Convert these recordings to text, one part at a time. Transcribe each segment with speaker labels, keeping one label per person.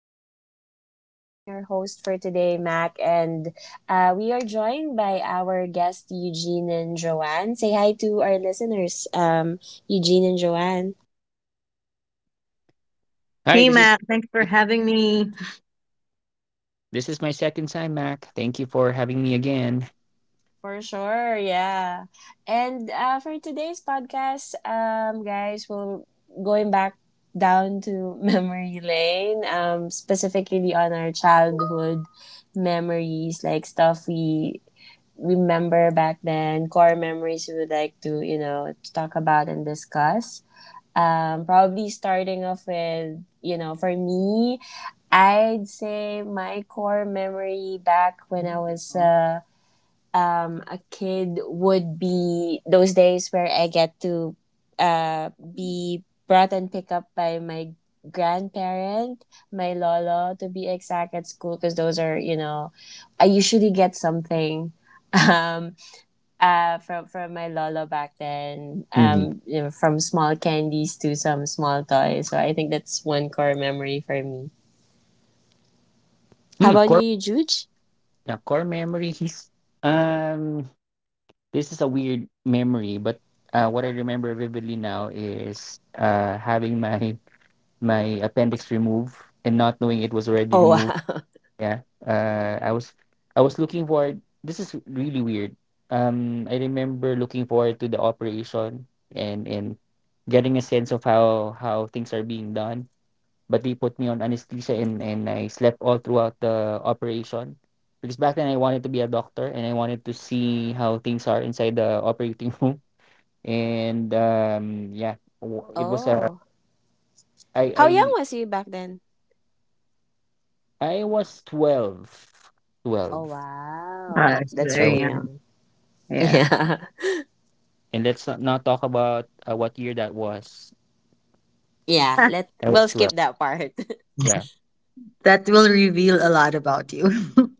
Speaker 1: guys. I'm your host for today, Mac, and we are joined by our guest, Eugene and Joanne. Say hi to our listeners, Eugene and Joanne.
Speaker 2: Hi,
Speaker 3: Hey
Speaker 2: this is
Speaker 3: Mac, thanks for having me.
Speaker 2: this is my second time, Mac. Thank you for having me again.
Speaker 1: For sure, yeah. And for today's podcast, guys, we're going back down to memory lane, specifically on our childhood memories, like stuff we remember back then, core memories we would like to, you know, to talk about and discuss. Probably starting off with, you know, for me, I'd say my core memory back when I was a kid would be those days where I get to be brought and picked up by my grandparent, my lolo, to be exact, at school, because those are, you know, I usually get something um, from my lolo back then.
Speaker 2: Mhm.
Speaker 1: You know, from small candies to some small toys. So I think that's one core memory for me. How
Speaker 2: Mm,
Speaker 1: about
Speaker 2: core
Speaker 1: you, Juge?
Speaker 2: Yeah, core memories. Um, this is a weird memory, but what I remember vividly now is having my appendix removed and not knowing it was already
Speaker 1: Oh
Speaker 2: removed.
Speaker 1: wow!
Speaker 2: Yeah. I was looking forward. This is really weird. I remember looking forward to the operation and getting a sense of how things are being done, but they put me on anesthesia and I slept all throughout the operation because back then I wanted to be a doctor and I wanted to see how things are inside the operating room. And yeah w- it was a
Speaker 1: Oh.
Speaker 2: I
Speaker 1: How young
Speaker 2: I
Speaker 1: was you back then?
Speaker 2: I was 12,
Speaker 1: Oh
Speaker 2: 12.
Speaker 1: wow!
Speaker 3: It's
Speaker 1: That's
Speaker 2: I
Speaker 3: very
Speaker 2: was,
Speaker 1: really
Speaker 3: young.
Speaker 1: young.
Speaker 3: Yeah.
Speaker 1: Yeah,
Speaker 2: and let's not talk about what year that was.
Speaker 1: yeah. Let
Speaker 2: I was
Speaker 1: we'll skip
Speaker 2: 12.
Speaker 1: that part.
Speaker 2: Yeah,
Speaker 3: That will reveal a lot about you.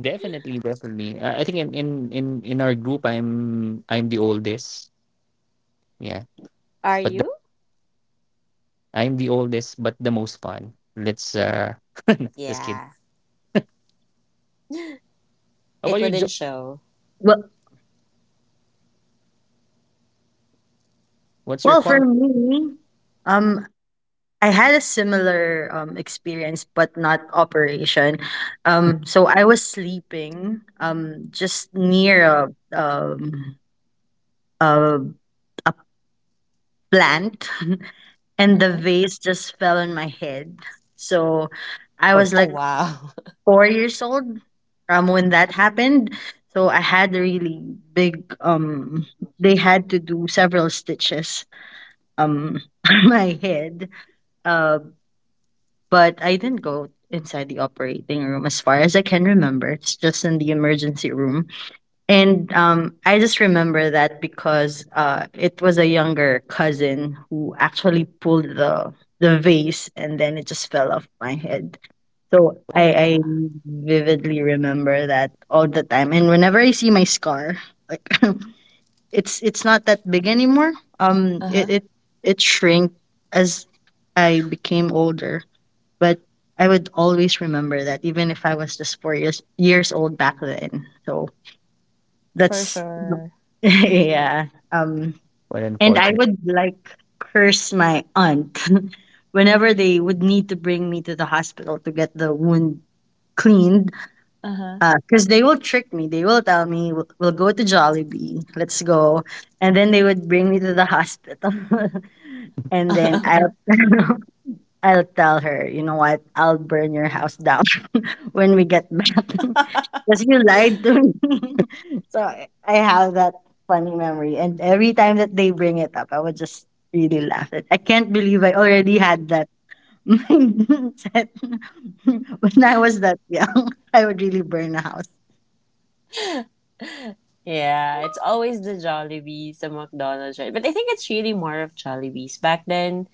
Speaker 2: definitely I think in our group I'm the oldest. Yeah,
Speaker 1: Are
Speaker 2: but
Speaker 1: you?
Speaker 2: I'm the oldest but the most fun. Let's just kidding.
Speaker 1: Yeah,
Speaker 2: How
Speaker 1: it
Speaker 2: about you,
Speaker 1: wouldn't
Speaker 2: Joe?
Speaker 1: show.
Speaker 3: well,
Speaker 2: What's your
Speaker 3: well, for
Speaker 2: karma?
Speaker 3: me, um, I had a similar experience, but not operation. So I was sleeping just
Speaker 1: Uh
Speaker 3: near um a a plant and the
Speaker 1: huh.
Speaker 3: vase just fell on my head. So I was
Speaker 1: Oh
Speaker 3: like
Speaker 1: wow!
Speaker 3: 4 years old when that happened. So I had a really big they had to do several stitches um on my head. Uh but I didn't go inside the operating room as far as I can remember. It's just in the emergency room. And I just remember that because it was a younger cousin who actually pulled the vase, and then it just fell off my head. So I,
Speaker 1: Oh wow!
Speaker 3: I vividly remember that all the time. And whenever I see my scar, like it's not that big anymore. Um,
Speaker 1: Uh huh.
Speaker 3: it it it shrank as I became older, but I would always remember that, even if I was just four years old back then. So
Speaker 1: For
Speaker 3: that's
Speaker 1: sure.
Speaker 3: yeah.
Speaker 2: Well,
Speaker 3: And I
Speaker 2: unfortunate.
Speaker 3: would like curse my aunt whenever they would need to bring me to the hospital to get the wound cleaned.
Speaker 1: Uh
Speaker 3: Because they will trick me. They will tell me we'll go to Jollibee. Let's go, and then they would bring me to the hospital, and then I.
Speaker 1: huh.
Speaker 3: I'll tell her, you know what? I'll burn your house down when we get back because you lied to me. So I have that funny memory. And every time that they bring it up, I would just really laugh. At, I can't believe I already had that mindset when I was that young. I would really burn a house.
Speaker 1: Yeah, it's always the Jollibees, the McDonald's, right? But I think it's really more of Jollibees. Back then,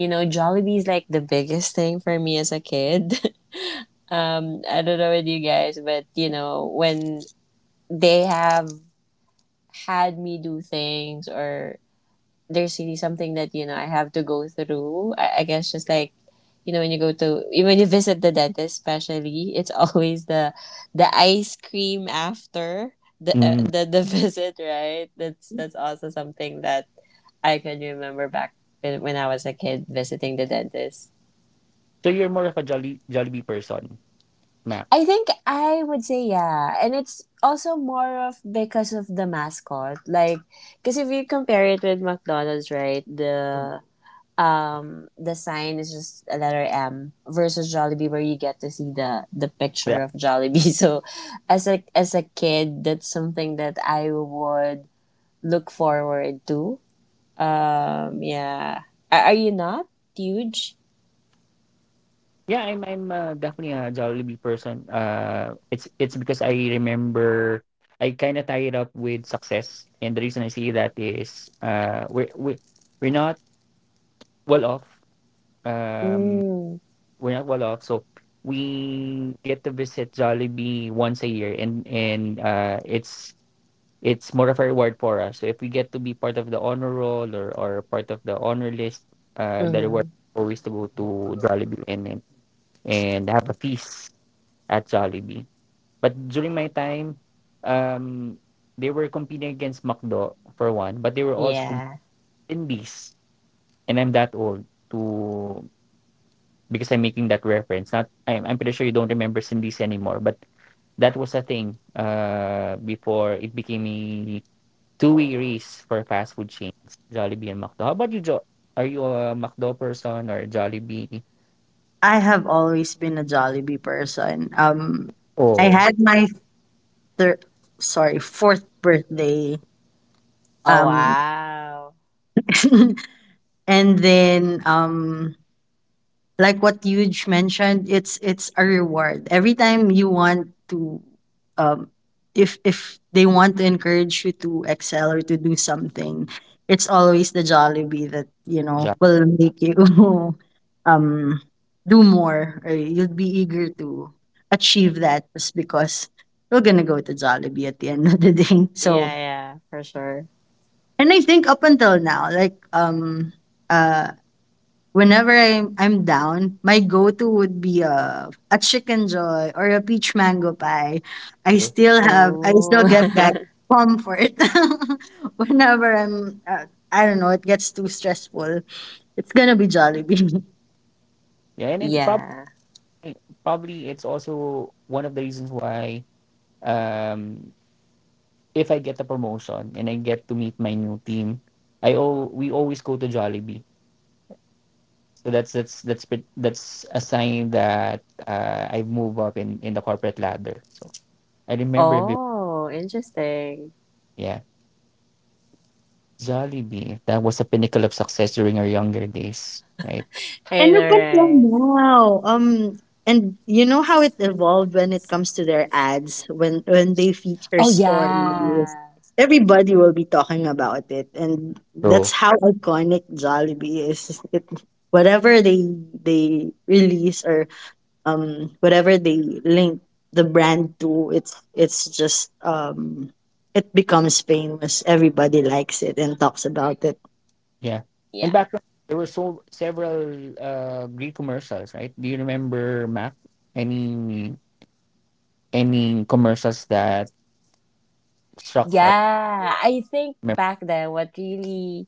Speaker 1: you know, Jollibee is like the biggest thing for me as a kid. I don't know with you guys, but you know, when they have had me do things or there's really something that you know I have to go through. I guess just like you know when you go to when you visit the dentist, especially it's always the ice cream after
Speaker 2: Mm.
Speaker 1: the visit, right? That's also something that I can remember back when I was a kid visiting the dentist.
Speaker 2: So you're more of a jolly Jollibee person, Matt.
Speaker 1: I think I would say yeah, and it's also more of because of the mascot, like because if you compare it with McDonald's, right? The sign is just a letter M versus Jollibee, where you get to see the
Speaker 2: Yeah,
Speaker 1: picture of Jollibee. So, as a kid, that's something that I would look forward to. Yeah. Are you not huge?
Speaker 2: yeah, I'm definitely a Jollibee person. It's because I remember I kinda tie it up with success. And the reason I say that is we're not well off. Um
Speaker 1: Mm.
Speaker 2: we're not well off. So we get to visit Jollibee once a year, and it's more of a reward for us. So if we get to be part of the honor roll or part of the honor list, the
Speaker 1: Mm-hmm.
Speaker 2: reward is always to go to Jollibee and have a feast at Jollibee. But during my time, um, they were competing against McDo for one, but they were also competing
Speaker 1: Yeah.
Speaker 2: in these, and I'm that old to because I'm making that reference. Not, I'm pretty sure you don't remember Cindy's anymore, but that was a thing before it became a two-way race for fast food chains, Jollibee and McDo. How about you, Jo? Are you a McDo person or Jollibee?
Speaker 3: I have always been a Jollibee person. I
Speaker 2: Oh,
Speaker 3: had my third, sorry, fourth birthday.
Speaker 1: Oh
Speaker 3: Um,
Speaker 1: wow.
Speaker 3: and then like what Yuge mentioned, it's a reward every time you want to um if they want to encourage you to excel or to do something, it's always the Jollibee that you know
Speaker 2: Jollibee.
Speaker 3: will make you um do more or you'll be eager to achieve that just because you're gonna go to Jollibee at the end of the day.
Speaker 1: Yeah,
Speaker 3: So
Speaker 1: yeah, for sure.
Speaker 3: and I think up until now, like uh whenever I'm down, my go-to would be a chicken joy or a peach mango pie. I still have I still
Speaker 1: Oh,
Speaker 3: get that comfort whenever I'm I don't know, it gets too stressful. It's gonna be Jollibee.
Speaker 2: Yeah, and then probably
Speaker 1: yeah.
Speaker 2: probably it's also one of the reasons why um if I get a promotion and I get to meet my new team, we always go to Jollibee. So that's a sign that I've moved up in the corporate ladder. I remember, be-
Speaker 1: Oh, interesting.
Speaker 2: yeah, Jollibee. That was a pinnacle of success during our younger days, right?
Speaker 3: And
Speaker 1: Hey, all
Speaker 3: up until
Speaker 1: right.
Speaker 3: now, and you know how it evolved when it comes to their ads, when they feature
Speaker 1: Oh
Speaker 3: stories,
Speaker 1: yeah.
Speaker 3: everybody will be talking about it, and that's
Speaker 2: So
Speaker 3: how iconic Jollibee is. It, whatever they release or whatever they link the brand to, it's just it becomes famous. Everybody likes it and talks about it.
Speaker 2: yeah, and
Speaker 1: Yeah.
Speaker 2: back then, there were so several Greek commercials, right? Do you remember, Mac? Any any commercials that struck hard?
Speaker 1: Yeah. I think
Speaker 2: Remember?
Speaker 1: back then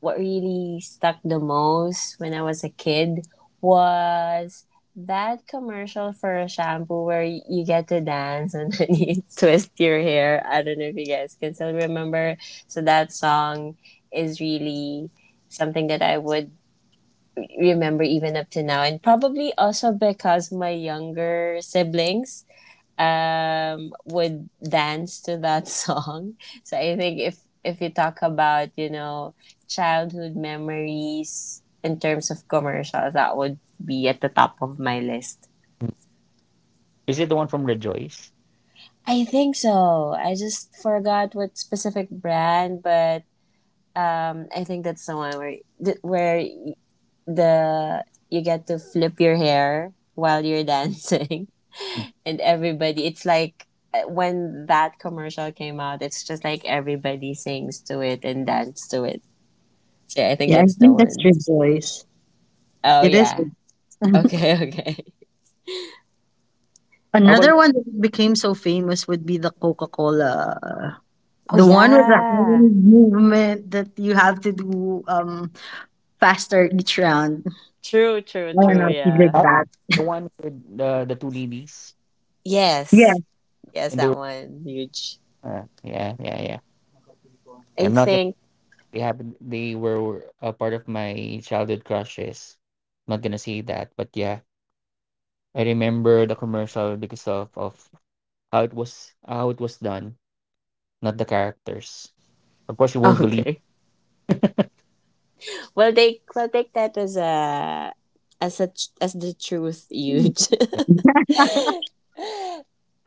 Speaker 1: what really stuck the most when I was a kid was that commercial for a shampoo where y- you get to dance and then you twist your hair. I don't know if you guys can still remember. So that song is really something that I would re- remember even up to now and probably also because my younger siblings would dance to that song. So I think if you talk about, you know, childhood memories in terms of commercials, that would be at the top of my list.
Speaker 2: Is it the one from Rejoice?
Speaker 1: I think so. I just forgot what specific brand, but I think that's the one where the you get to flip your hair while you're dancing.
Speaker 2: Mm.
Speaker 1: And everybody it's like when that commercial came out it's just like everybody sings to it and dance to it. Yeah, I think
Speaker 3: Yeah, I
Speaker 1: that's the
Speaker 3: think that's
Speaker 1: one.
Speaker 3: Rejoice.
Speaker 1: Oh
Speaker 3: It is.
Speaker 1: yeah. Okay, okay.
Speaker 2: How about you?
Speaker 3: Another one that became so famous would be the Coca-Cola.
Speaker 1: Oh
Speaker 3: The one with the
Speaker 1: yeah.
Speaker 3: hand movement that you have to do faster each round.
Speaker 1: True, true,
Speaker 3: I don't
Speaker 1: true.
Speaker 3: know if you did
Speaker 1: Yeah,
Speaker 2: Uh,
Speaker 3: that.
Speaker 2: The one with the two ladies,
Speaker 3: Yeah.
Speaker 1: yes, yes,
Speaker 2: and they were
Speaker 1: that one huge.
Speaker 2: yeah, yeah, yeah.
Speaker 1: I
Speaker 2: I'm not gonna
Speaker 1: think
Speaker 2: be happy that they were a part of my childhood crushes. Not gonna say that, but yeah, I remember the commercial because of how it was done, not the characters. Of course, you won't believe
Speaker 1: okay, well they will take that as a as a as the truth huge.
Speaker 2: it.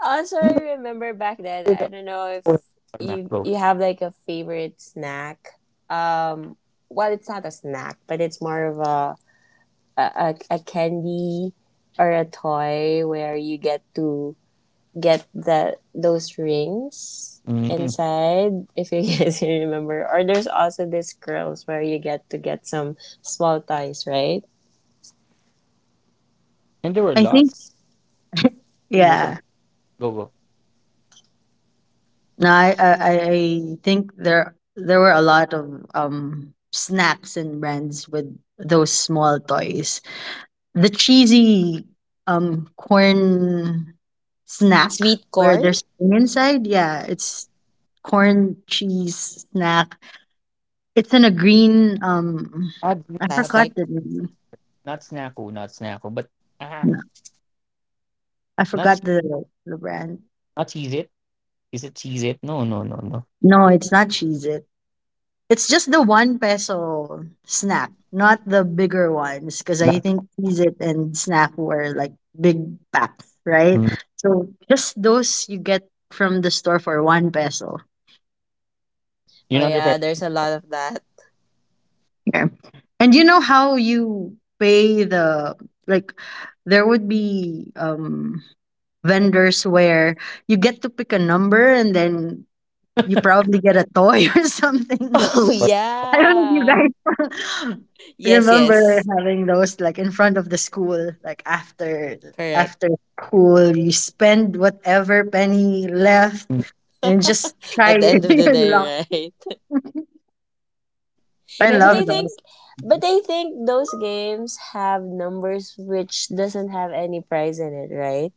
Speaker 1: Also,
Speaker 2: You remember
Speaker 1: I remember back then. I
Speaker 2: the
Speaker 1: don't know if
Speaker 2: Power Ranger
Speaker 1: you
Speaker 2: Macro.
Speaker 1: you have like a favorite snack. Um, well, it's not a snack, but it's more of a, candy or a toy where you get to get the those rings
Speaker 2: Mhm.
Speaker 1: inside. If you guys remember, or there's also these curls where you get to get some small toys, right?
Speaker 2: And there were
Speaker 3: I think
Speaker 2: lots. I think most of
Speaker 3: yeah.
Speaker 2: go go.
Speaker 3: No, I think there were a lot of snacks and brands with those small toys. The cheesy corn snack
Speaker 1: Sweet
Speaker 3: where
Speaker 1: corn,
Speaker 3: there's corn inside, yeah, it's corn cheese snack. It's in a green I forgot
Speaker 1: plastic.
Speaker 3: the name.
Speaker 2: Not Snacko, not Snacko, but ah,
Speaker 3: No, I
Speaker 2: not Ch-
Speaker 3: forgot the brand.
Speaker 2: not cheese it. Is it cheese it? No, no, no, no.
Speaker 3: No, it's not cheese it. It's just the one peso snack, not the bigger ones because I
Speaker 2: Not,
Speaker 3: think cheese it and snack were like big packs, right?
Speaker 2: mm.
Speaker 3: So just those you get from the store for one peso.
Speaker 1: Oh
Speaker 2: You're not referring.
Speaker 1: yeah, there's a lot of that.
Speaker 3: Yeah. And you know how you pay the like there would be vendors where you get to pick a number and then you probably get a toy or something.
Speaker 1: Oh
Speaker 2: To-
Speaker 3: I don't know if you
Speaker 1: yeah.
Speaker 3: guys
Speaker 1: Yes,
Speaker 3: remember
Speaker 1: yes.
Speaker 3: having those like in front of the school, like after
Speaker 1: Correct.
Speaker 3: after school, you spend whatever
Speaker 2: mm.
Speaker 3: penny left and just try
Speaker 1: At the
Speaker 3: your
Speaker 1: end of the
Speaker 3: luck.
Speaker 1: day, right?
Speaker 2: And
Speaker 3: I
Speaker 1: Yeah,
Speaker 3: love those.
Speaker 1: but I think those games have numbers which doesn't have any prize in it, right?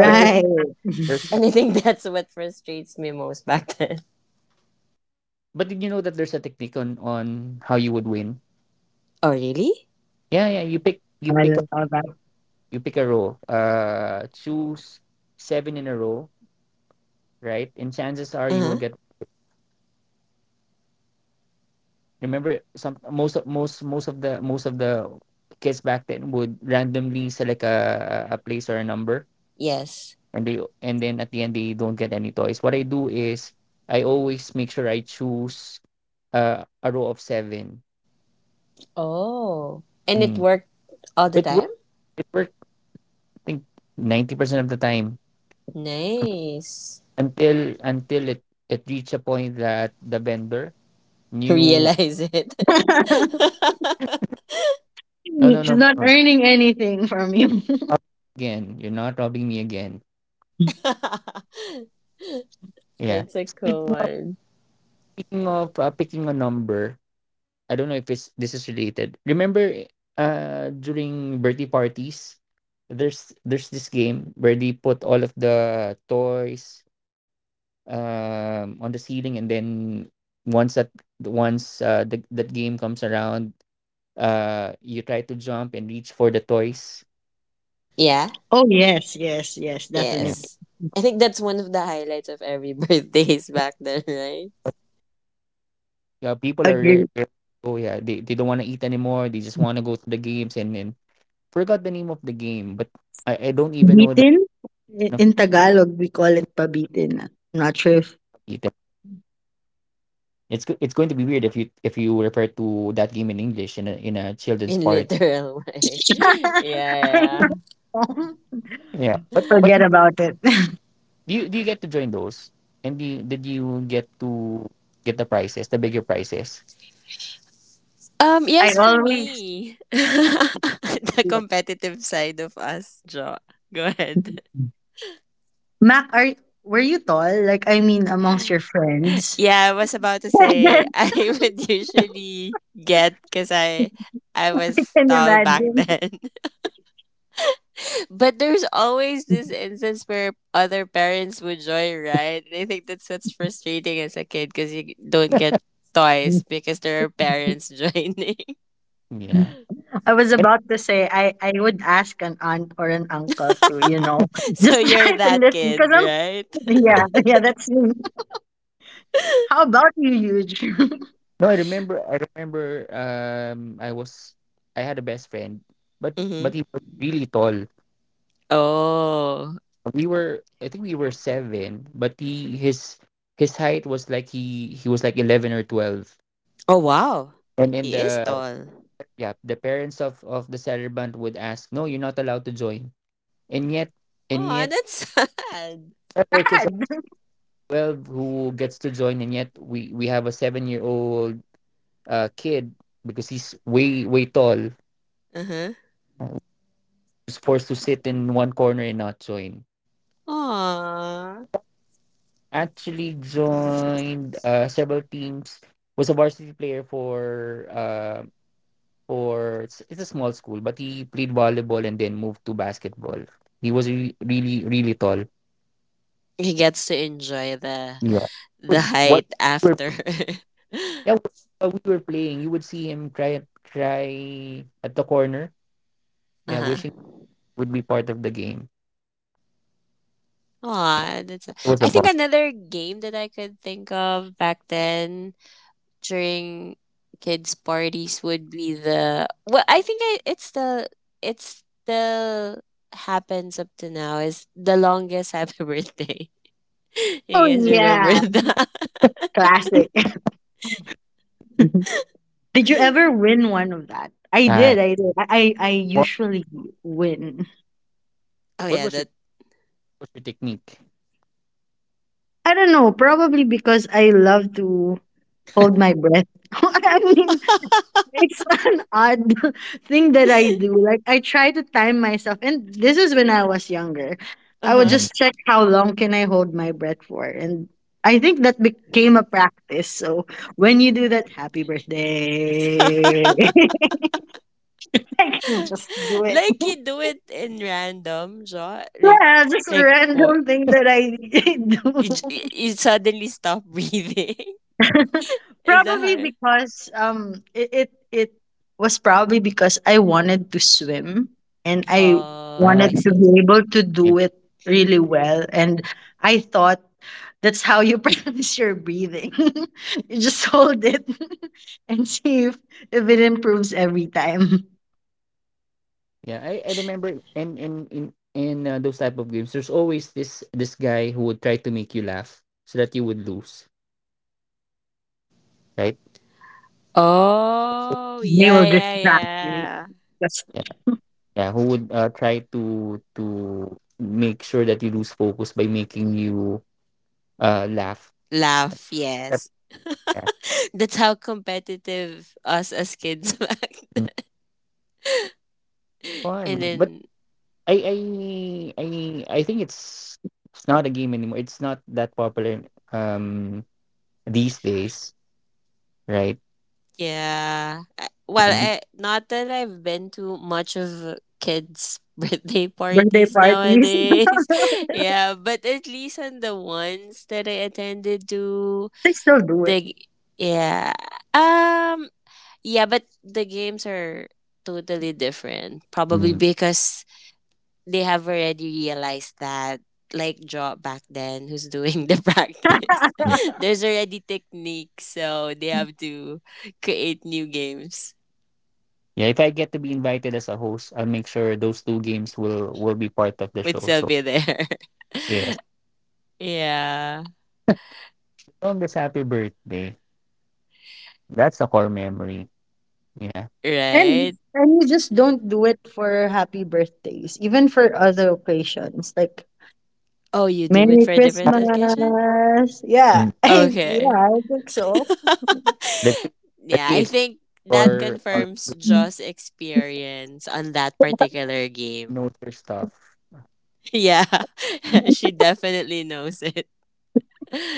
Speaker 2: but there's. there's
Speaker 1: and I think that's what frustrates me most back then.
Speaker 2: But did you know that there's a technique on how you would win?
Speaker 1: Oh really?
Speaker 2: Yeah, yeah.
Speaker 3: No, I don't know that.
Speaker 2: You pick a row. Choose seven in a row, right? And chances are you will
Speaker 1: Uh-huh.
Speaker 2: get. Remember, some most of most most of the kids back then would randomly select a place or a number,
Speaker 1: Yes.
Speaker 2: and
Speaker 3: Yes.
Speaker 2: then at the end they don't get any toys. What I do is I always make sure I choose a row of seven.
Speaker 1: Oh. And it
Speaker 2: Mm.
Speaker 1: worked all the
Speaker 2: It worked.
Speaker 1: time?
Speaker 2: It worked. I think 90% of the time
Speaker 1: Nice.
Speaker 2: until it reached a point that the vendor knew.
Speaker 1: Realize it.
Speaker 2: No, no,
Speaker 3: She's
Speaker 2: no, no,
Speaker 3: not
Speaker 2: no,
Speaker 3: earning anything from you.
Speaker 2: not again. You're not robbing me again. Yeah,
Speaker 1: That's a
Speaker 2: speaking
Speaker 1: cool
Speaker 2: of
Speaker 1: one.
Speaker 2: speaking of picking a number. I don't know if it's this is related. Remember, during birthday parties, there's this game where they put all of the toys on the ceiling, and then once that once that game comes around, you try to jump and reach for the toys.
Speaker 1: Yeah.
Speaker 3: Oh yes, yes, yes,
Speaker 2: Yeah.
Speaker 3: definitely.
Speaker 1: Yes. I think that's one of the highlights of every birthdays back then, right?
Speaker 2: Yeah. People are rare.
Speaker 3: Agree.
Speaker 2: Oh yeah, they don't want to eat anymore. They just want to go to the games, and then forgot the name of the game, but I don't even know the
Speaker 3: Bitin? I
Speaker 2: name of
Speaker 3: in Tagalog, we call it pabitin. I'm not sure
Speaker 2: it.
Speaker 3: if
Speaker 2: It's going to be weird if you refer to that game in English in a children's
Speaker 1: In
Speaker 2: part.
Speaker 1: literal way. Yeah,
Speaker 3: I
Speaker 1: yeah.
Speaker 3: know.
Speaker 2: Yeah, but
Speaker 3: Forget about it.
Speaker 2: do you get to join those? Did you get to get the prizes, the bigger prizes?
Speaker 3: I
Speaker 1: Yes, for
Speaker 3: always
Speaker 1: me. The competitive side of us, Jo. Go ahead.
Speaker 3: Mac, are were you tall? Like I mean, amongst your friends.
Speaker 1: Yeah, I was about to say I would usually get because I
Speaker 3: I
Speaker 1: was
Speaker 3: can
Speaker 1: tall back
Speaker 3: imagine.
Speaker 1: then. But there's always this instance where other parents would joyride. And I think that's what's frustrating as a kid because you don't get toys because there are parents joining.
Speaker 3: I
Speaker 2: Yeah.
Speaker 3: was about to say
Speaker 2: And-
Speaker 3: I would ask an aunt or an uncle to, you know, just try
Speaker 1: So
Speaker 3: to
Speaker 1: you're
Speaker 3: lift me
Speaker 1: that
Speaker 3: because I'm
Speaker 1: kid, right?
Speaker 3: yeah,
Speaker 2: yeah.
Speaker 3: yeah, that's me. How about you, huge?
Speaker 2: No, I remember. I remember. I had a best friend, but
Speaker 1: Mm-hmm.
Speaker 2: but he was really tall.
Speaker 1: Oh.
Speaker 2: We were I think we were seven, but he his height was like he was like 11 or 12.
Speaker 1: Oh, wow.
Speaker 2: And then
Speaker 1: He is
Speaker 2: the
Speaker 1: tall.
Speaker 2: Yeah, the parents of the celebrant would ask, "No, you're not allowed to join." And yet, and
Speaker 1: Oh,
Speaker 2: yet,
Speaker 1: that's sad.
Speaker 3: That's
Speaker 2: other kids of
Speaker 3: sad.
Speaker 2: 12 who gets to join, and yet we have a 7-year old kid because he's way way tall,
Speaker 1: Uh-huh.
Speaker 2: who's forced to sit in one corner and not join.
Speaker 1: Aww.
Speaker 2: Actually, joined several teams, was a varsity player for it's a small school, but he played volleyball and then moved to basketball. He was really really tall.
Speaker 1: He gets to enjoy
Speaker 2: Yeah.
Speaker 1: the
Speaker 2: But what
Speaker 1: height
Speaker 2: we were,
Speaker 1: after.
Speaker 2: Yeah, while we were playing, you would see him cry at the corner. Yeah,
Speaker 1: Uh-huh.
Speaker 2: wishing he would be part of the game.
Speaker 1: Aw, that's. A,
Speaker 2: It was a
Speaker 1: I think
Speaker 2: bomb.
Speaker 1: another game that I could think of back then during kids' parties would be the. Well, I think I, it's the. It's the happens up to now is the longest happy birthday. You
Speaker 3: Oh
Speaker 1: guys remember
Speaker 3: yeah,
Speaker 1: that?
Speaker 3: classic. Did you ever win one of that? I
Speaker 2: Ah,
Speaker 3: did. I did. I
Speaker 2: what
Speaker 3: usually win.
Speaker 1: Oh
Speaker 2: what
Speaker 1: yeah,
Speaker 2: was your
Speaker 1: that.
Speaker 2: what was your technique?
Speaker 3: I don't know. Probably because I love to hold my breath. I mean, it's an odd thing that I do. Like I try to time myself, and this is when I was younger.
Speaker 1: Uh
Speaker 3: I would
Speaker 1: huh.
Speaker 2: Mm.
Speaker 3: just check how long can I hold my breath for, and I think that became a practice. So when you do that, happy birthday. I can just do it.
Speaker 1: Like you do it in random, jaw.
Speaker 3: Yeah, just a
Speaker 1: Like what?
Speaker 3: random thing that I
Speaker 1: You,
Speaker 3: do.
Speaker 1: j- you suddenly stop breathing. Is that
Speaker 3: Probably
Speaker 1: how?
Speaker 3: because it was probably because I wanted to swim and I
Speaker 1: Oh,
Speaker 2: Ah,
Speaker 1: I
Speaker 2: I-
Speaker 3: wanted to
Speaker 1: see.
Speaker 3: be able to do it really well and I thought that's how you practice your breathing. You just hold it and see if it improves every time.
Speaker 2: yeah, I remember in those type of games, there's always this guy who would try to make you laugh so that you would lose, right?
Speaker 1: Oh,
Speaker 3: They
Speaker 1: yeah,
Speaker 3: were
Speaker 1: yeah,
Speaker 3: distracting.
Speaker 1: yeah.
Speaker 3: Just
Speaker 2: Yeah, who would try to make sure that you lose focus by making you laugh.
Speaker 1: Laugh, yes.
Speaker 2: Yeah.
Speaker 1: That's how competitive us as kids back then.
Speaker 2: mm, Fun,
Speaker 1: And
Speaker 2: but
Speaker 1: then,
Speaker 2: I I I I think it's not a game anymore. It's not that popular these days, right?
Speaker 1: yeah. I- Well,
Speaker 2: Be-
Speaker 1: I, not that I've been to much of kids' birthday
Speaker 3: birthday
Speaker 1: parties
Speaker 3: parties.
Speaker 1: nowadays. Yeah, but at least on the ones that I attended to,
Speaker 3: They still do it.
Speaker 1: the, yeah. Um, yeah, but the games are totally different. Probably
Speaker 2: mm.
Speaker 1: because they have already realized that like Job back then who's doing the practice
Speaker 2: Mm.
Speaker 1: there's already techniques so they have to create new games
Speaker 2: Yeah, if I get to be invited as a host, I'll make sure those two games will be part of the
Speaker 1: with
Speaker 2: show. So
Speaker 1: Sylvia there.
Speaker 2: yes,
Speaker 1: Yeah,
Speaker 2: longest happy birthday. That's a core memory. Yeah.
Speaker 3: and
Speaker 1: right.
Speaker 3: and you just don't do it for happy birthdays, even for other occasions like
Speaker 1: Oh, you do it
Speaker 3: Merry
Speaker 1: for a different
Speaker 3: Christmas.
Speaker 1: occasion.
Speaker 3: Yeah,
Speaker 2: Mm.
Speaker 3: I, yeah,
Speaker 1: Okay,
Speaker 3: I think so.
Speaker 2: Let's see, let's
Speaker 1: yeah,
Speaker 2: see.
Speaker 1: I
Speaker 2: It's
Speaker 1: think that
Speaker 2: or
Speaker 1: confirms Jo's experience on that particular game.
Speaker 2: notice stuff.
Speaker 1: Yeah. She definitely knows it.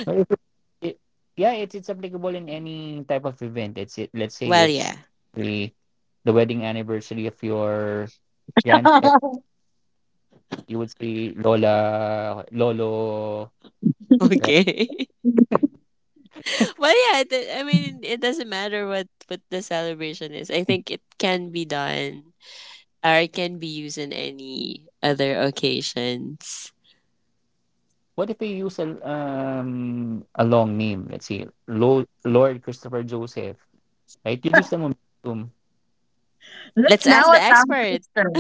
Speaker 2: So if it, it- Yeah, it's applicable in any type of event. Let's say
Speaker 1: Well,
Speaker 2: if
Speaker 1: yeah.
Speaker 2: the the wedding anniversary of your grandparents, you would say Lola, Lolo, right?
Speaker 1: Okay. Well, yeah, it, I mean, it doesn't matter what the celebration is. I think it can be done or it can be used in any other occasions.
Speaker 2: What if we use a long name? Let's say Lord Christopher Joseph, right? You lose the momentum.
Speaker 3: That's
Speaker 1: Let's ask
Speaker 3: now a
Speaker 1: the
Speaker 3: tongue
Speaker 1: expert.
Speaker 3: twister.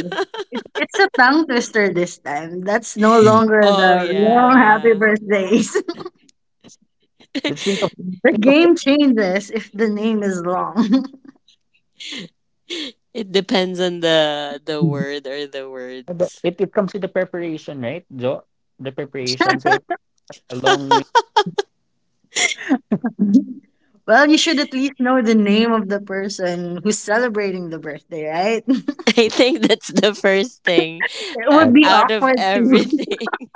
Speaker 3: It, it's a tongue twister this time. That's no
Speaker 2: Mm.
Speaker 3: longer
Speaker 1: Oh,
Speaker 3: the long happy
Speaker 1: yeah.
Speaker 3: birthdays.
Speaker 2: Let's think of
Speaker 3: The
Speaker 2: think of it.
Speaker 3: game changes if the name is long.
Speaker 1: It depends on the word or the words.
Speaker 2: It comes with the preparation, right, Jo? The preparation. So if a long
Speaker 3: Well, you should at least know the name of the person who's celebrating the birthday, right? It
Speaker 1: I think that's the first thing
Speaker 3: would
Speaker 2: name.
Speaker 3: be
Speaker 1: out of
Speaker 3: awkward to
Speaker 1: everything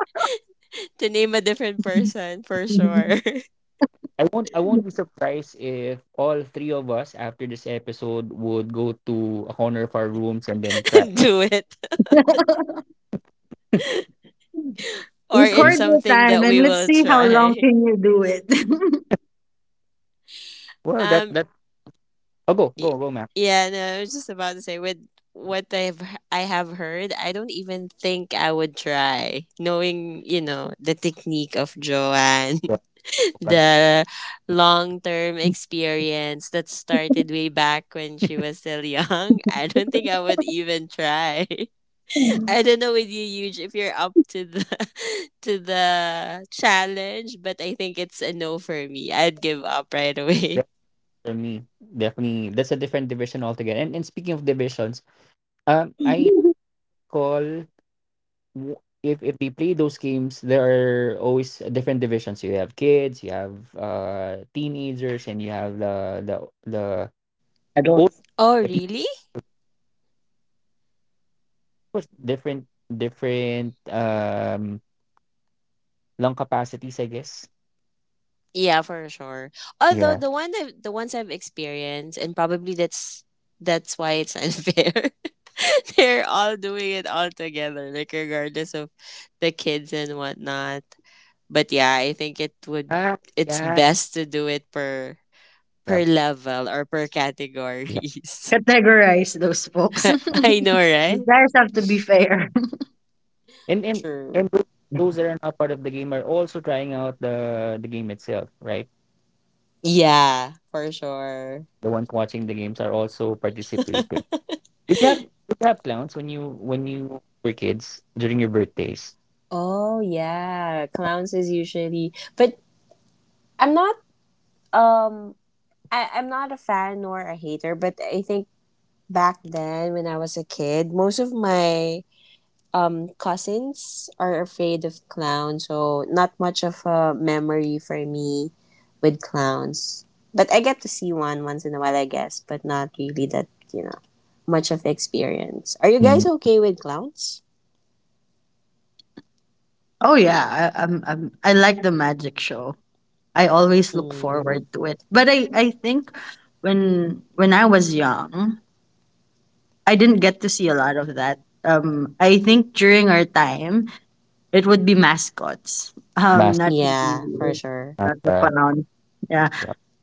Speaker 1: to name a different person for sure.
Speaker 2: I won't be surprised if all three of us after this episode would go to a corner of our rooms and then try.
Speaker 1: Do it or it's
Speaker 2: Maybe.
Speaker 3: record your
Speaker 1: something
Speaker 3: time
Speaker 1: that
Speaker 3: and
Speaker 1: we
Speaker 3: let's
Speaker 1: will
Speaker 3: see how long
Speaker 1: try.
Speaker 3: can you do it.
Speaker 2: Well that
Speaker 1: Um
Speaker 2: that Oh, go,
Speaker 1: Y-
Speaker 2: go, go, Mac.
Speaker 1: Yeah, no, I was just about to say with what I've h- I have heard, I don't even think I would try. Knowing, you know, the technique of Joanne,
Speaker 2: Go, go. Go.
Speaker 1: the long-term experience that started way back when she was still young, I don't think I would even try. I don't know with you, Huge, if you're up to the to the challenge, but I think it's a no for me. I'd give up right away.
Speaker 2: That- For me, definitely that's a different division altogether. And speaking of divisions, um I call if we play those games, there are always different divisions. You have kids, you have teenagers, and you have the the
Speaker 3: I don't
Speaker 2: old
Speaker 1: Oh,
Speaker 2: the people.
Speaker 1: really?
Speaker 2: Of course, different different lung capacities, I guess.
Speaker 1: Yeah, for sure. Although
Speaker 2: Yeah.
Speaker 1: the one that the ones I've experienced, and probably that's why it's unfair. They're all doing it all together, like regardless of the kids and whatnot. But yeah, I think it would
Speaker 2: Ah,
Speaker 1: it's
Speaker 2: yeah.
Speaker 1: best to do it per per
Speaker 2: Yep.
Speaker 1: level or per
Speaker 2: Yep.
Speaker 1: categories.
Speaker 3: categorize those folks.
Speaker 1: I know, right?
Speaker 3: You guys have to be fair.
Speaker 2: And and
Speaker 1: True.
Speaker 2: and those that are not part of the game are also trying out the game itself, right?
Speaker 1: Yeah, for sure.
Speaker 2: The ones watching the games are also participating. Did you have clowns when you were kids during your birthdays?
Speaker 1: Oh yeah, clowns is usually, but I'm not um I, I'm not a fan nor a hater, but I think back then when I was a kid, most of my cousins are afraid of clowns, so not much of a memory for me with clowns. But I get to see one once in a while, I guess, but not really that, you know, much of experience. Are you
Speaker 2: Mm.
Speaker 1: guys okay with clowns?
Speaker 3: Oh yeah, I, I'm I like the magic show. I always look
Speaker 1: Mm,
Speaker 3: forward to it. But I think when I was young, I didn't get to see a lot of that. I think during our time, it would be mascots.
Speaker 2: Mask.
Speaker 3: Not
Speaker 1: yeah, for
Speaker 3: really,
Speaker 1: sure.
Speaker 2: Not,
Speaker 3: not the clown. Yeah,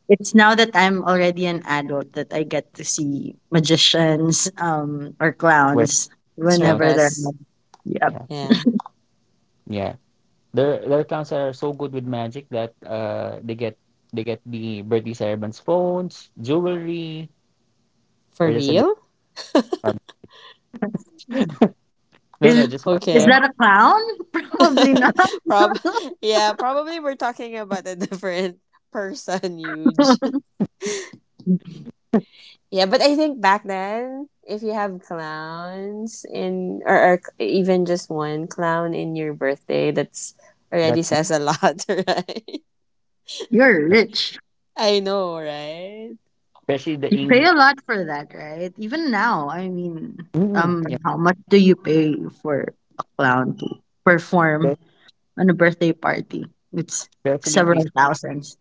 Speaker 3: it's now that I'm already an adult that I get to see magicians, or
Speaker 2: when
Speaker 3: clowns
Speaker 2: clowns.
Speaker 3: whenever they're.
Speaker 1: Circus.
Speaker 3: Yep.
Speaker 2: Yeah,
Speaker 1: Yeah.
Speaker 2: yeah. There are clowns that are so good with magic that they get the birthday servants phones, jewelry,
Speaker 1: For
Speaker 2: or just a.
Speaker 1: real?
Speaker 2: No, no,
Speaker 3: is
Speaker 2: just what
Speaker 3: is
Speaker 1: Okay.
Speaker 3: that a clown? Probably not.
Speaker 1: Prob yeah, probably we're talking about a different person, huge. Yeah, but I think back then, if you have clowns in or even just one clown in your birthday, that's already
Speaker 2: that,
Speaker 1: says a lot, right?
Speaker 3: You're rich.
Speaker 1: I know, right?
Speaker 2: especially the
Speaker 3: You pay
Speaker 2: English.
Speaker 3: a lot for that, right? Even now, I mean,
Speaker 2: Mm, yeah,
Speaker 3: how much do you pay for a clown to perform
Speaker 2: spe-
Speaker 3: on a birthday party? It's
Speaker 2: especially if they
Speaker 3: several
Speaker 2: speak.
Speaker 3: thousands.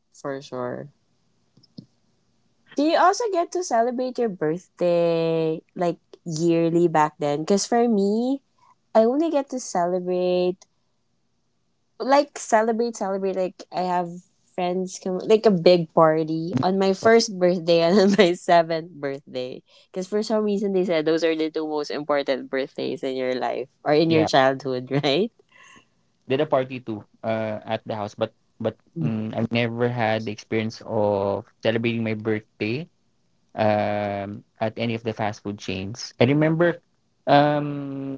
Speaker 1: For sure. Do you also get to celebrate your birthday like yearly back then? Because for me, I only get to celebrate like celebrate, celebrate. Like I have friends come, like a big party on my
Speaker 2: Par-
Speaker 1: first birthday and on my seventh birthday. Because for some reason they said those are the two most important birthdays in your life or in your
Speaker 2: Yeah,
Speaker 1: childhood, right?
Speaker 2: did a party too at the house, but
Speaker 3: Mm.
Speaker 2: I've never had the experience of celebrating my birthday at any of the fast food chains. I remember um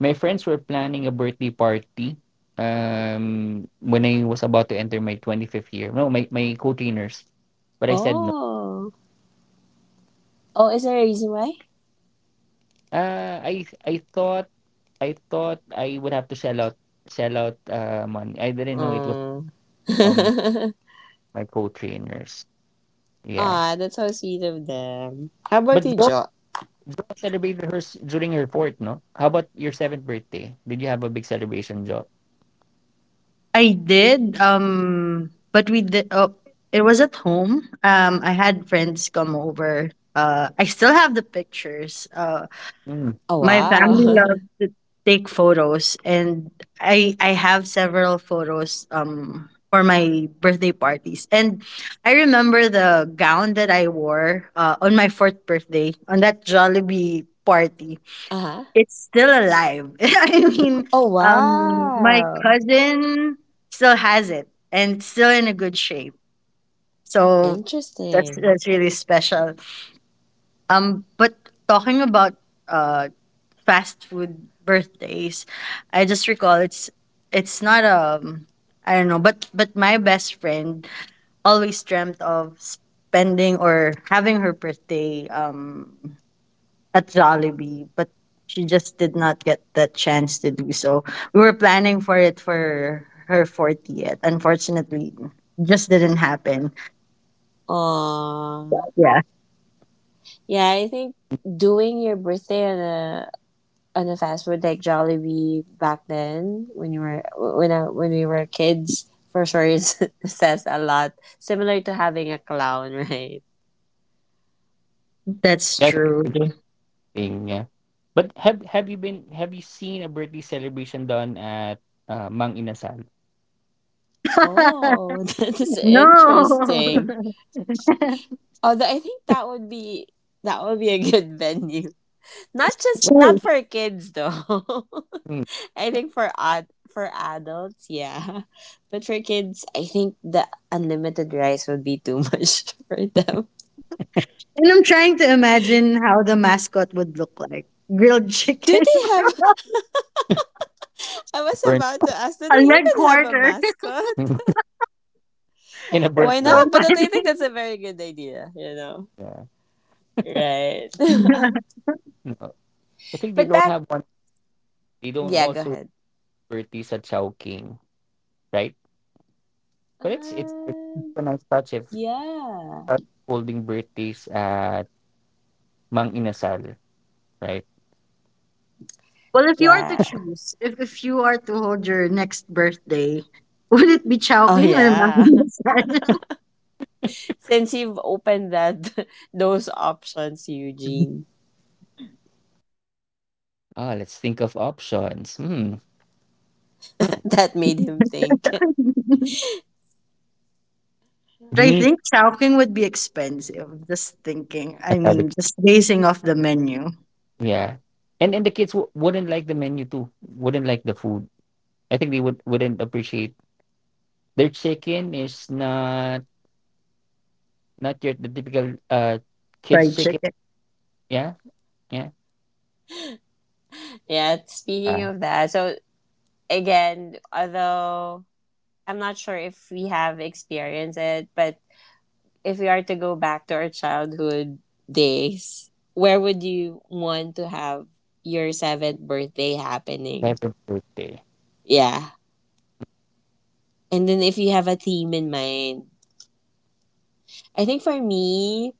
Speaker 2: my friends were planning a birthday party when I was about to enter my 25th year. No, my co-trainers, but I said no.
Speaker 1: Oh, oh, is there a reason why?
Speaker 2: Uh, I I thought I thought I would have to shell out money. I didn't know it was
Speaker 1: Mm.
Speaker 2: from my co-trainers. Yeah.
Speaker 1: Ah, that's so sweet of them. How about you,
Speaker 2: But Jo,
Speaker 1: Jo?
Speaker 2: Jo celebrated hers during her fourth, no? How about your seventh birthday? Did you have a big celebration, Jo?
Speaker 3: I did, but we did. Oh, it was at home. I had friends come over. I still have the pictures.
Speaker 2: Mm,
Speaker 1: Oh
Speaker 3: My
Speaker 1: wow.
Speaker 3: family
Speaker 1: Uh
Speaker 3: loves to take photos, and I have several photos for my birthday parties. And I remember the gown that I wore on my fourth birthday on that Jollibee party.
Speaker 1: huh.
Speaker 3: It's still alive. I mean,
Speaker 1: Oh
Speaker 3: my
Speaker 1: wow.
Speaker 3: cousin still has it and still in a good shape. So
Speaker 1: Interesting.
Speaker 3: that's really special. But talking about uh fast food birthdays. I just recall it's not I don't know, but my best friend always dreamt of spending or having her birthday at Jollibee, but she just did not get that chance to do so. We were planning for it for her 40th. Unfortunately, just didn't happen.
Speaker 1: Aww.
Speaker 3: Yeah,
Speaker 1: Yeah, I think doing your birthday on a fast food like Jollibee back then when you were when I, when we were kids for sure is, says a lot. Similar to having a clown, right?
Speaker 3: that's
Speaker 2: that's a
Speaker 3: true.
Speaker 2: thing, yeah. But have you seen a birthday celebration done at Mang Inasal?
Speaker 1: Oh, that's
Speaker 3: No.
Speaker 1: interesting. Although I think that would be a good venue. Not just not
Speaker 3: True.
Speaker 1: for kids though.
Speaker 2: Mm,
Speaker 1: I think for ad, for adults, yeah. But for kids, I think the unlimited rice would be too much for them.
Speaker 3: And I'm trying to imagine how the mascot would look like. Grilled
Speaker 1: Do
Speaker 3: chicken.
Speaker 1: they have? I was
Speaker 2: burnt
Speaker 1: about to ask, do
Speaker 3: A
Speaker 1: they
Speaker 3: leg
Speaker 1: even have a
Speaker 3: quarter.
Speaker 1: mascot?
Speaker 2: in a
Speaker 3: That's
Speaker 2: burnt
Speaker 1: Why not?
Speaker 2: one.
Speaker 3: so
Speaker 1: But I
Speaker 3: funny.
Speaker 1: think that's a very good idea, you know?
Speaker 2: Yeah.
Speaker 1: Right.
Speaker 2: No. I think they
Speaker 1: But
Speaker 2: don't
Speaker 1: back.
Speaker 2: have one. They don't
Speaker 1: Yeah, go
Speaker 2: also
Speaker 1: ahead.
Speaker 2: birthdays at Chowking. Right? But it's
Speaker 1: Um,
Speaker 2: a nice touch if
Speaker 1: yeah.
Speaker 2: start holding birthdays at Mang Inasal, right?
Speaker 3: Well, if you are to
Speaker 1: Yeah.
Speaker 3: choose, if you are to hold your next birthday, would it be
Speaker 1: Oh,
Speaker 3: Chowking or
Speaker 1: yeah.
Speaker 3: Mountainside?
Speaker 1: Since you've opened that, those options, Eugene,
Speaker 2: Oh, let's think of options. Hmm. Hmm.
Speaker 1: that made him think.
Speaker 3: But I
Speaker 2: Bringing
Speaker 3: think Chowking would be expensive. Just thinking. I
Speaker 2: another-
Speaker 3: mean, just basing off the menu.
Speaker 2: yeah, and the kids wouldn't like the menu too. Wouldn't like the food. I think they would wouldn't appreciate. Their chicken is not your the typical kids
Speaker 3: Fried
Speaker 2: chicken.
Speaker 3: chicken.
Speaker 2: Yeah, yeah.
Speaker 1: Yeah, speaking
Speaker 2: Ah,
Speaker 1: of that, so again, although I'm not sure if we have experienced it, but if we are to go back to our childhood days, where would you want to have your seventh birthday happening?
Speaker 2: Happy birthday,
Speaker 1: Yeah. And then if you have a theme in mind, I think for me,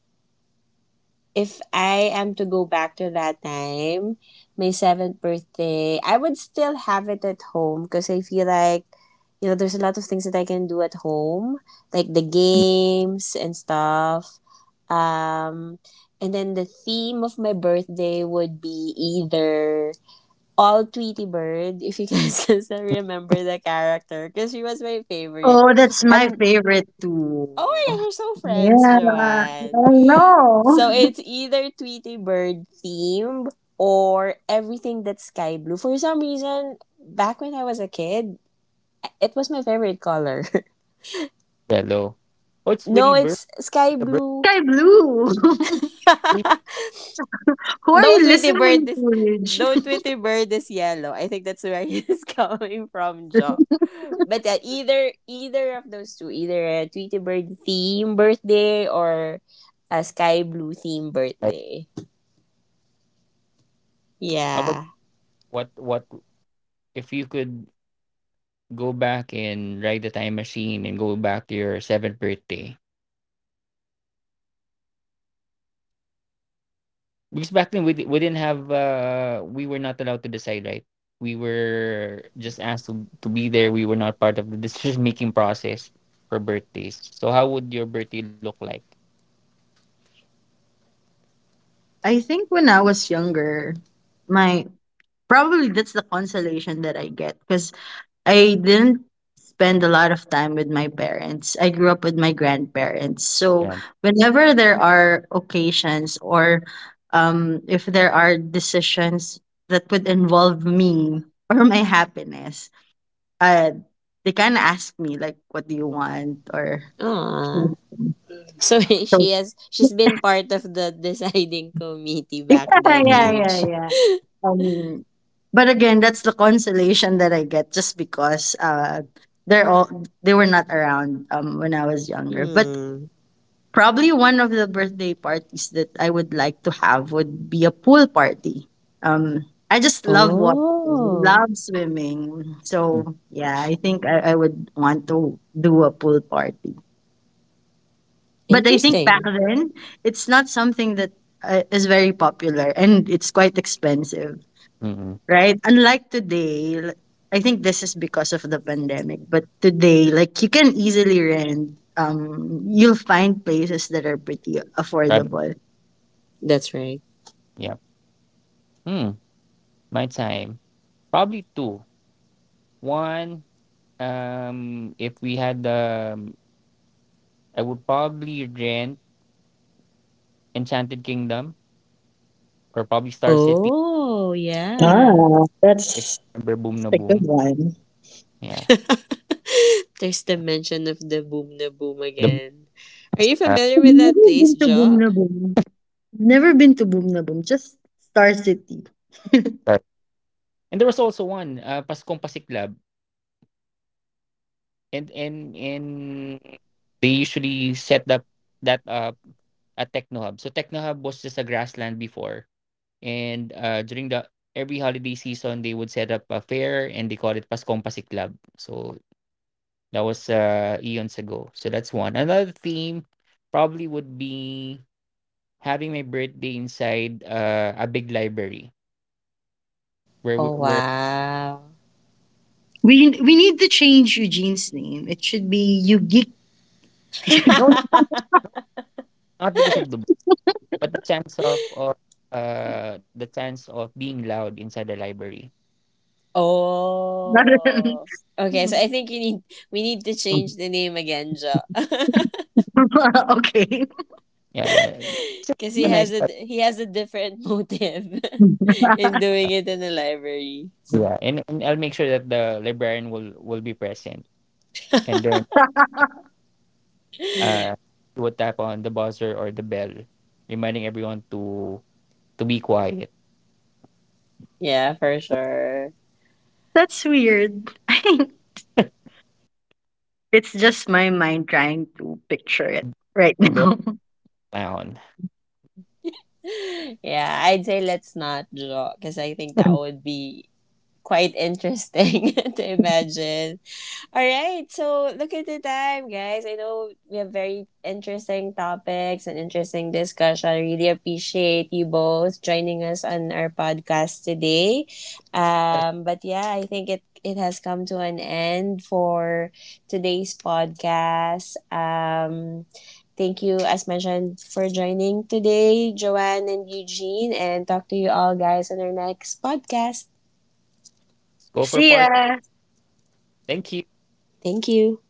Speaker 1: if I am to go back to that time, my seventh birthday, I would still have it at home because I feel like, you know, there's a lot of things that I can do at home, like the games and stuff. Um, and then the theme of my birthday would be either all Tweety Bird, if you guys can still remember the character, because she was my favorite.
Speaker 3: Oh, that's my
Speaker 1: I'm,
Speaker 3: favorite too.
Speaker 1: oh my gosh, we're so friends,
Speaker 3: Yeah,
Speaker 1: Joanne.
Speaker 3: I know.
Speaker 1: So it's either Tweety Bird themed or everything that's sky blue. For some reason, back when I was a kid, it was my favorite color.
Speaker 2: hello. Oh, it's
Speaker 1: No,
Speaker 2: really birthday.
Speaker 1: it's sky
Speaker 2: The
Speaker 1: blue.
Speaker 3: Sky Blue.
Speaker 2: birthday.
Speaker 3: Who are
Speaker 1: No
Speaker 3: you
Speaker 1: Tweety Bird
Speaker 3: listening
Speaker 1: is
Speaker 3: to, Ridge?
Speaker 1: no Tweety Bird is yellow. I think that's where it's coming from, Jo. But either either of those two, either a Tweety Bird theme birthday or a sky blue theme
Speaker 2: Side.
Speaker 1: birthday.
Speaker 2: How about
Speaker 1: Yeah.
Speaker 2: what if you could go back and ride the time machine and go back to your seventh birthday? Because back then we didn't have we were not allowed to decide, right? We were just asked to be there. We were not part of the decision making process for birthdays. So how would your birthday look like?
Speaker 3: I think when I was younger, my probably that's the consolation that I get because I didn't spend a lot of time with my parents. I grew up with my grandparents. So
Speaker 2: Yeah.
Speaker 3: whenever there are occasions or if there are decisions that would involve me or my happiness, uh, they kind of ask me like, "What do you want?" or
Speaker 1: Aww. So she has she's been part of the deciding committee
Speaker 3: Yeah,
Speaker 1: back then,
Speaker 3: yeah,
Speaker 2: Mm.
Speaker 3: yeah,
Speaker 1: huge.
Speaker 3: yeah. Um, but again, that's the consolation that I get just because they're all they were not around when I was younger. But
Speaker 1: Hmm.
Speaker 3: probably one of the birthday parties that I would like to have would be a pool party. Um I just love water,
Speaker 1: Oh,
Speaker 3: love swimming.
Speaker 2: Mm.
Speaker 3: So yeah, I think I would want to do a pool party. But I think back
Speaker 1: interesting.
Speaker 3: then it's not something that is very popular and it's quite expensive.
Speaker 2: mm,
Speaker 3: Right? Unlike today, l- I think this is because of the pandemic, but today, like you can easily rent. You'll find places that are pretty
Speaker 2: Prob-
Speaker 3: affordable.
Speaker 1: That's right.
Speaker 2: Yeah. Hmm. My time. Probably two. One, if we had, I would probably rent Enchanted Kingdom or probably Star City.
Speaker 1: Oh, yeah.
Speaker 3: Ah,
Speaker 2: If you remember Boom
Speaker 3: that's
Speaker 2: na
Speaker 3: a good
Speaker 2: Boom.
Speaker 3: one.
Speaker 2: Yeah.
Speaker 1: There's the mention of the boom na boom
Speaker 2: The
Speaker 1: again. Are you
Speaker 2: uh,
Speaker 1: familiar
Speaker 3: I've
Speaker 1: with that
Speaker 3: never
Speaker 1: place,
Speaker 3: been to Boom
Speaker 1: Jo?
Speaker 3: na Boom. Never been to Boom na Boom. Just Star City.
Speaker 2: Sorry. And there was also one, Paskong Pasiklab. And they usually set up that up at Techno Hub. So Techno Hub was just a grassland before. And during the every holiday season they would set up a fair and they call it Paskong Pasiklab. So that was eons ago. So that's one. Another theme probably would be having my birthday inside a big library where
Speaker 1: Oh, wow.
Speaker 3: We need to change Eugene's name. It should be Yugeek.
Speaker 2: not because of the book, but the chance of being loud inside the library.
Speaker 1: Oh. Okay, so I think you need we need to change the name again, Jo.
Speaker 3: Okay.
Speaker 2: Yeah, it's
Speaker 1: Because
Speaker 2: a nice touch.
Speaker 1: he has a different motive in doing it in the library.
Speaker 2: Yeah, and I'll make sure that the librarian will be present, and then uh he will tap on the buzzer or the bell, reminding everyone to be quiet.
Speaker 1: Yeah, for sure.
Speaker 3: That's weird. I think it's just my mind trying to picture it right
Speaker 2: Bell
Speaker 3: now.
Speaker 2: down.
Speaker 1: Yeah, I'd say let's not draw because I think that would be quite interesting to imagine. All right, so look at the time, guys. I know we have very interesting topics and interesting discussion. I really appreciate you both joining us on our podcast today.
Speaker 2: Let's
Speaker 1: But yeah, I think it it has come to an end for today's podcast. Thank you, as mentioned, for joining today, Joanne and Eugene, and talk to you all, guys, on our next podcast.
Speaker 2: go for
Speaker 3: See ya.
Speaker 2: part. Thank you.
Speaker 1: Thank you.